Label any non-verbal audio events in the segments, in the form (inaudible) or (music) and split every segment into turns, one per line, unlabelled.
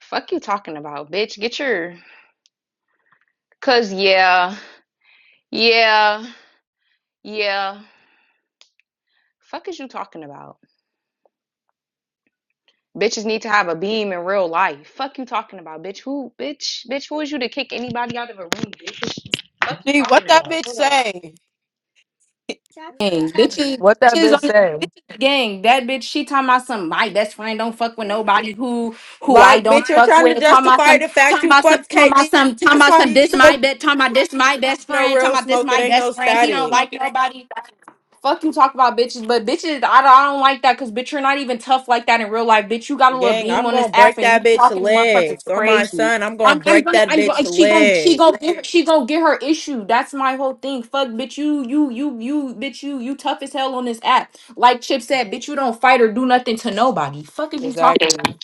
Fuck you talking about, bitch. Get your cuz yeah. Yeah. Yeah. Fuck is you talking about? Bitches need to have a beam in real life. Fuck you talking about, bitch. Who bitch? Bitch, who is you to kick anybody out of a room, bitch? Fuck you
Gee, what
talking
that
about?
bitch
Hold on.
say?
gang. Bitches,
What that
bitches
bitch
on the
say?
bitches gang. That bitch, she talking about some. My best friend don't fuck with nobody who who I
Like,
don't
bitch, you're
fuck
trying to
with. Talking about
justify
some.
the fact
Talking
you
about some.
fucked
Talking about
Katie.
some. Talking
That's
about
why
some.
you
This my
so
bet. Talking about this my best
no
friend. Talking
real
about this
smoke. It
my
ain't no
best friend. He don't
static.
like nobody. Fuck you talk about bitches, but bitches, I, I don't like that because bitch, you're not even tough like that in real life. Bitch, you got a little
Gang,
beam
I'm
on this
gonna
app
break
and you
that bitch
talking to motherfuckers
legs. On my
crazy.
son, I'm gonna
I'm, I'm
break
gonna,
that
I'm gonna,
bitch
she gonna, she
leg.
gonna, get she gonna get her issue. That's my whole thing. Fuck, bitch, you, you, you, you, bitch, you, you tough as hell on this app. Like Chip said, bitch, you don't fight or do nothing to nobody. Fuck is you talking
Exactly.
about,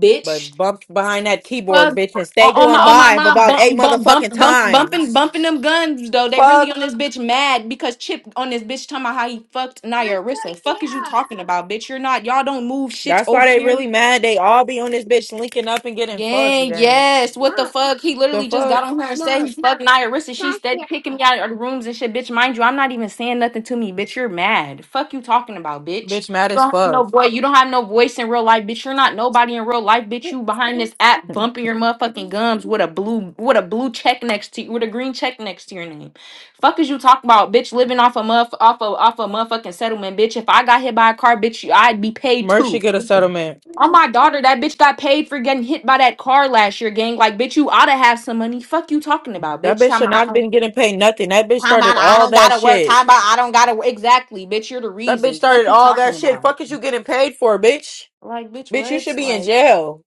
bitch?
But bump behind that keyboard,
Fuck.
bitch, and
On,
stay
on my
going
on my
live
mom
about eight
bump bump
motherfucking
bump bump bumping
times.
bumping them guns though. They really on
Fuck.
this bitch mad because Chip on this bitch talking about how he fucked Naya Arissa. Fuck is you talking about, bitch? You're not. Y'all don't move shit
That's why
over
they
here.
really mad. They all be on this bitch linking up and getting fucked,
Gang,
gang.
yes. What the fuck? He
The
literally just got
fuck?
on her and said he fucked Nia Rissa. She steady kicking me out of the rooms and shit, bitch. Mind you, I'm not even saying nothing to me, bitch. You're mad. Fuck you talking about, bitch.
Bitch mad
You
as
don't have no
fuck.
boy. You don't have no voice in real life, bitch. You're not nobody in real life, bitch. You behind this app
(laughs)
bumping your motherfucking gums with a blue with a blue check next to you with a green check next to your name. Fuck is you talking about, bitch? Living off a muff off a off a motherfucking settlement, bitch. If I got hit by a car, bitch, I'd be paid too.
Mercy get a settlement.
On my daughter, that bitch got paid for getting hit by that car last year, gang. Like, bitch, you oughta have some money. Fuck you talking about,
That
bitch.
bitch
Time
should
about, I
not have
don't-
been getting paid nothing. That bitch
time
started
about I
all
don't
that
gotta work.
shit.
Time about I don't gotta work. Exactly, bitch. You're the
That bitch
reason. Fuck
started
you
all
talking
that shit.
about.
Fuck is you getting paid for, bitch?
Like, bitch,
Bitch, you should
what's
be in
like
jail.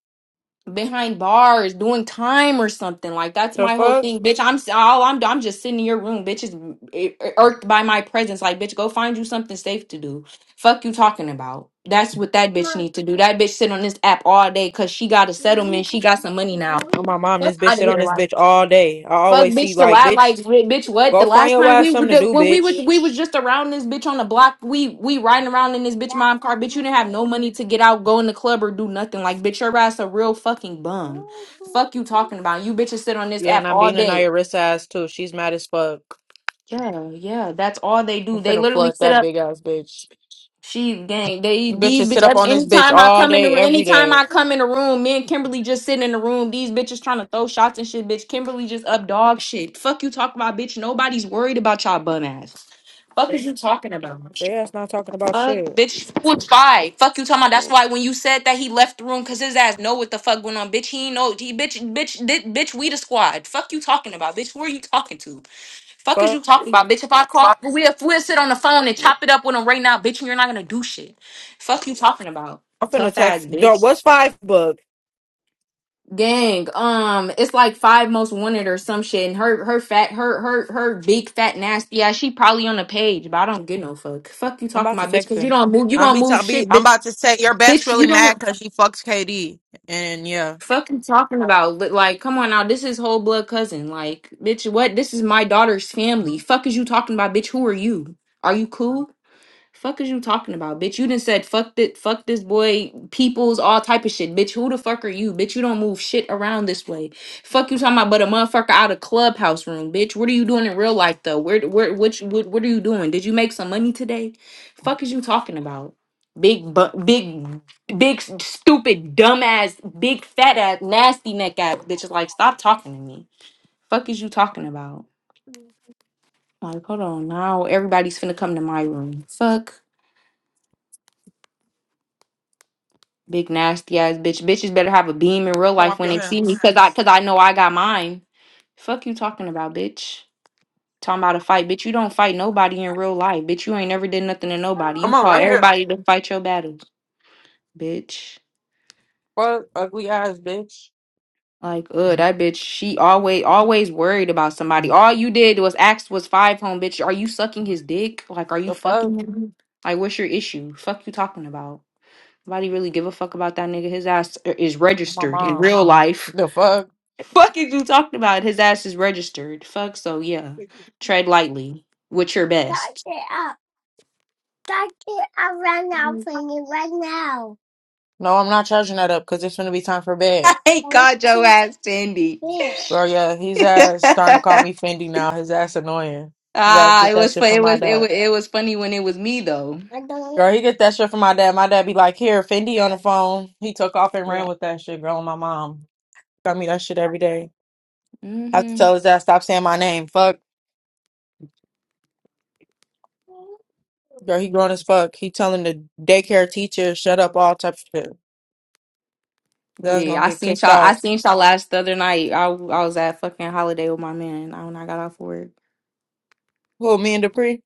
behind bars doing time or something? Like, that's
The
my whole
fuck?
thing, bitch. I'm s- all I'm. I'm just sitting in your room, bitch. Is ir- irked by my presence. Like, bitch, go find you something safe to do. Fuck you talking about. That's what that bitch need to do. That bitch sit on this app all day because she got a settlement. She got some money now.
Oh my mom,
Fuck
this bitch
out of
shit on
here,
this
like
bitch all day. I
fuck,
always see
bitch. The
like,
lot,
bitch,
like bi- bitch. What the
go find
last
your
time
ass
we were
something
the-
to do,
when we was
bitch.
we was just around this bitch on the block. We we riding around in this bitch mom car. Bitch, you didn't have no money to get out, go in the club, or do nothing. Like bitch, your ass a real fucking bum. Fuck you talking about. You bitches sit on this
Yeah, and
app
I'm
all
being a
day.
Nayarissa ass too. She's mad as fuck.
Yeah, yeah, that's all they do.
I'm
They
finna
literally
flood
sit up.
that big ass bitch.
She's gang. They
You
these
bitches
bitch.
sit up
every-
on this bitch
Anytime I
all
come in the
day,
room,
every
anytime
day.
I come in the room, me and Kimberly just sitting in the room. These bitches trying to throw shots and shit. Bitch, Kimberly just up dog shit. Fuck you talking about, bitch. Nobody's worried about y'all bum ass. Fuck is you talking about?
They ass not talking about
Fuck,
shit.
bitch. Foot five. Fuck you talking about. That's why when you said that he left the room, cause his ass know what the fuck went on, bitch. He ain't know. He bitch, bitch, bitch, bitch. We the squad. Fuck you talking about, bitch. Who are you talking to? Fuck is
Fuck.
you talking about, bitch? If I call, we'll, we'll sit on the phone and chop it up with them right now, bitch, and you're not gonna do shit. Fuck you talking about,
I'm finna
tough ass
text. Dog,
bitch.
what's five book?
Gang, um, it's like five most wanted or some shit, and her her fat her her her big fat nasty ass. She probably on the page, but I don't give no fuck. Fuck you
I'm
talking
about to
about, bitch,
text
because you
him.
don't move, you
I'm
don't
be,
move
i be.
shit,
I'm
bitch,
about to say your best
bitch, you
really mad
don't.
because she fucks KD. And yeah,
Fuck you talking about Li- like, come on now, this is whole blood cousin, like, bitch, what? This is my daughter's family. Fuck is you talking about, bitch? Who are you? Are you cool? Fuck is you talking about, bitch? You done said fuck it, fuck this boy, peoples, all type of shit, bitch. Who the fuck are you, bitch? You don't move shit around this way. Fuck you talking about, but a motherfucker out of clubhouse room, bitch. What are you doing in real life though? Where, where, which, what, what are you doing? Did you make some money today? Fuck is you talking about, big, bu- big, big, s- stupid, dumbass, big fat ass, nasty neck ass, bitch. Like, stop talking to me. Fuck is you talking about? Like, hold on, now everybody's finna come to my room. Fuck. Big nasty ass bitch. Bitches better have a beam in real
come
life
off
when
your
they see me,
hands.
cause I cause I know I got mine. Fuck you talking about, bitch. Talking about a fight, bitch. You don't fight nobody in real life, bitch. You ain't never did nothing to nobody. You
Come on,
call
right here.
everybody to fight your battles, bitch.
Fuck ugly ass bitch.
Like, ugh, that bitch. She always always worried about somebody. All you did was ask was five home, bitch. Are you sucking his dick? Like, are you
The fuck,
fucking him? Like, what's your issue? Fuck you talking about. Nobody really give a fuck about that nigga. His ass uh, is
my
registered in
mom.
real life.
The fuck.
Fuck is you talking about? His ass is registered. Fuck, so yeah. Tread lightly with your best. (laughs)
No, I'm not charging that up because it's gonna be time for bed,
I caught your ass, Cindy.
bro. Yeah, his
(laughs)
ass starting to call me Fendi now. His ass annoying. His ass
ah,
get
it
that
was
shit
fun.
from
It
my
was it
dad.
was it was funny when it was me though.
Girl, he get that shit from my dad. My dad be like, "Here, Fendi on the phone." He took off and
Yeah.
ran with that shit, girl. and My mom. I me that shit every day. I Have to
Mhm.
tell his ass stop saying my name. Fuck, bro. He grown as fuck. He telling the daycare teacher shut up. All type of shit. That's
Gee,
gonna
I
get
seen
kicked
y'all. I
out.
seen y'all last other night. I I was at fucking holiday with my man. I, when I got off work.
Who? Me and Dupree?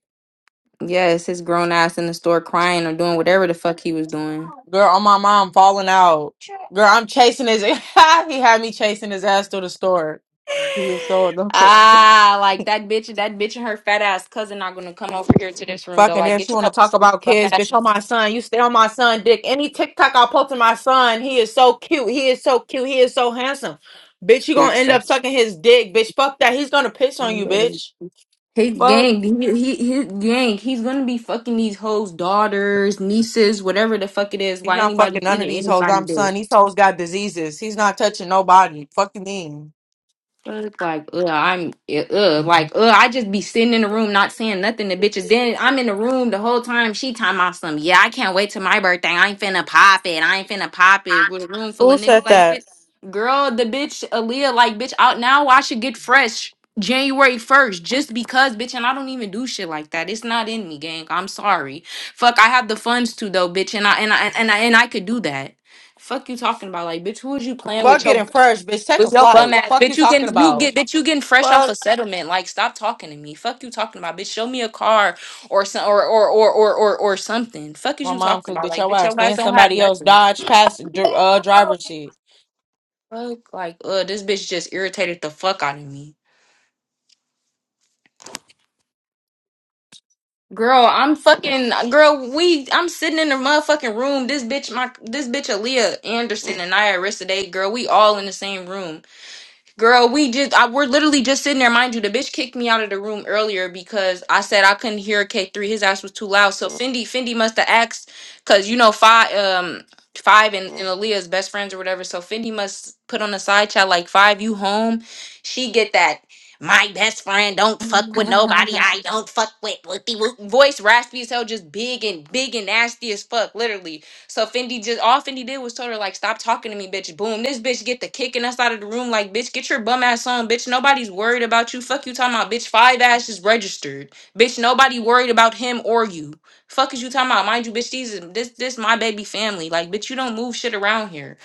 Yes, his grown ass in the store crying or doing whatever the fuck he was doing.
Girl, on my mom falling out. Girl, I'm chasing his. (laughs) he had me chasing his ass through the store. He was so annoying.
Ah, like that bitch, that bitch and her fat ass cousin not gonna come over here to this room though.
Fucking
Like,
then
get
she
your
want to
couple
talk about kids, bitch. On my
asses
son, you stay on my son, dick. Any TikTok I post to my son, he is so cute. He is so cute. He is so handsome, bitch. You gonna
fixed.
end
up.
up sucking his dick, bitch. Fuck that. He's gonna piss on you, bitch.
His
Fuck.
gang, he, he, his gang, he's gonna be fucking these hoes' daughters, nieces, whatever the fuck it is.
He's
Why
not fucking
anybody
none of
eating
these hoes.
anybody's
I'm
dick?
son. These hoes got diseases. He's not touching nobody. Fuck you mean?
Fuck, like, ugh, I'm, yeah, ugh, like, ugh, I just be sitting in the room not saying nothing to bitches. Then I'm in the room the whole time. She talking about some, yeah, I can't wait till my birthday. I ain't finna pop it. I ain't finna pop it with a room full
Who
of
said
niggas. Like,
that?
bitch, girl, the bitch, Aaliyah, like, bitch, out now. I should get fresh January 1st just because, bitch. And I don't even do shit like that. It's not in me, gang. I'm sorry. Fuck, I have the funds to, though, bitch. And I, and I, and I, and I could do that. Fuck you talking about, like, bitch, who is you playing with
Fuck
your
getting first, bitch. Take a
with your
flight.
bum ass,
Fuck
bitch.
you
You can
talking
you
about.
get bitch. You getting fresh off a
Fuck
settlement. Like, stop talking to me. Fuck you talking about, bitch. Show me a car or some or or or or or, or something. Fuck is
my
you
mom,
talking
cause
about?
bitch,
Like,
your
bitch,
ass.
your guys
Then
don't have
somebody else
nothing.
dodge past dr- uh
You
driver shit.
Fuck, like, uh, this bitch just irritated the fuck out of me. Girl, I'm fucking girl. We, I'm sitting in the motherfucking room. This bitch, my this bitch, Aaliyah Anderson and I, Arista Day, girl. We all in the same room. Girl, we just I, we're literally just sitting there, mind you. The bitch kicked me out of the room earlier because I said I couldn't hear K three. His ass was too loud. So Fendi, Fendi must have asked, cause you know five, um, five and, and Aaliyah's best friends or whatever. So Fendi must put on the side chat like five, you home? She get that. My best friend don't fuck with nobody. I don't fuck with whoopie whoop. Voice raspy as hell, just big and big and nasty as fuck, literally. So Fendi just all Fendi did was told her like, stop talking to me, bitch. Boom, this bitch get the kicking us out of the room. Like, bitch, get your bum ass on, bitch. Nobody's worried about you. Fuck you talking about, bitch. Five ass is registered, bitch. Nobody worried about him or you. Fuck is you talking about? Mind you, bitch, these is- this this my baby family. Like, bitch, you don't move shit around here.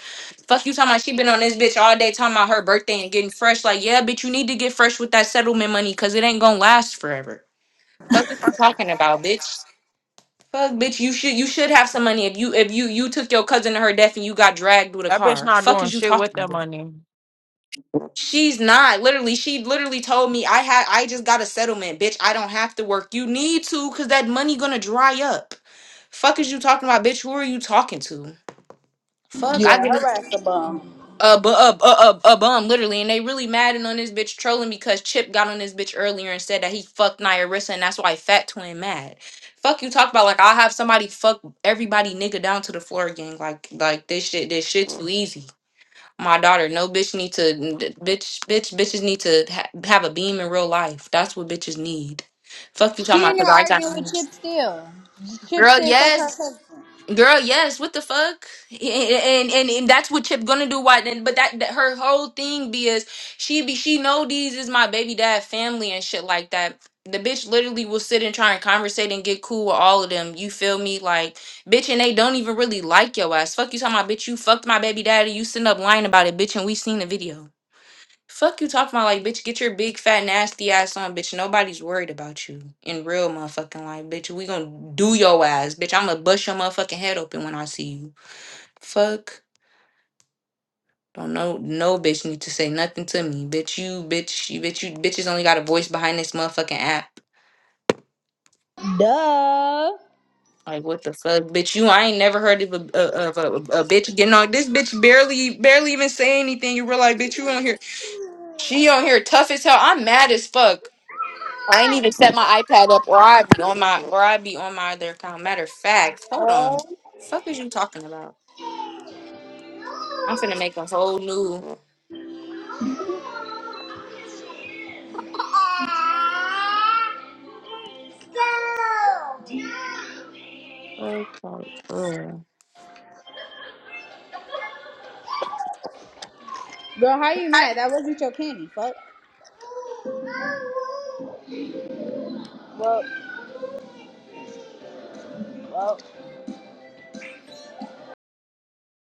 Fuck you talking about? She been on this bitch all day talking about her birthday and getting fresh. Like, yeah, bitch, you need to get fresh with that settlement money because it ain't gonna last forever. Fuck what you talking about, bitch. Fuck, bitch. You should you should have some money if you if you you took your cousin to her death and you got dragged with a
That bitch
car.
not
Fuck
doing
is you
shit with
talking
that
about?
money.
She's not. Literally, she literally told me I had I just got a settlement, bitch. I don't have to work. You need to, cause that money gonna dry up. Fuck is you talking about, bitch? Who are you talking to? Fuck, I get it a, bu- a, a, a, a bum, literally. And they really madding on this bitch trolling because Chip got on this bitch earlier and said that he fucked Nia Rissa and that's why Fat Twin mad. Fuck you talk about like I'll have somebody fuck everybody nigga down to the floor again. Like like this shit this shit too easy. My daughter, no bitch need to bitch bitch bitches need to ha- have a beam in real life. That's what bitches need. Fuck you talking about
Junior
because I
arguing with Chip
got
still. Chip
girl.
said fuck
Yes,
her cousin.
Girl, yes. What the fuck? And and and that's what Chip gonna do. Why then? But that, that her whole thing be is she be she know these is my baby dad family and shit like that. The bitch literally will sit and try and conversate and get cool with all of them. You feel me? Like bitch, and they don't even really like your ass. Fuck you, talking about bitch. You fucked my baby daddy. You sitting up lying about it, bitch. And we seen the video. Fuck you talking about like bitch, get your big fat nasty ass on, bitch. Nobody's worried about you in real motherfucking life, bitch. We gonna do your ass, bitch. I'ma bust your motherfucking head open when I see you. Fuck. Don't know no bitch need to say nothing to me. Bitch, you bitch, you bitch, you bitches only got a voice behind this motherfucking app.
Duh.
Like what the fuck, bitch? You I ain't never heard of a of a, of a, a bitch getting on. This bitch barely barely even say anything. You realize, bitch, you on here. She on here tough as hell. I'm mad as fuck. I ain't even set my iPad up or I'd be on my or I'd be on my other account. Matter of fact, hold on. Fuck is you talking about? I'm finna make a whole new Ugh.
Girl, how you mad? That wasn't your candy. Fuck. Well, well.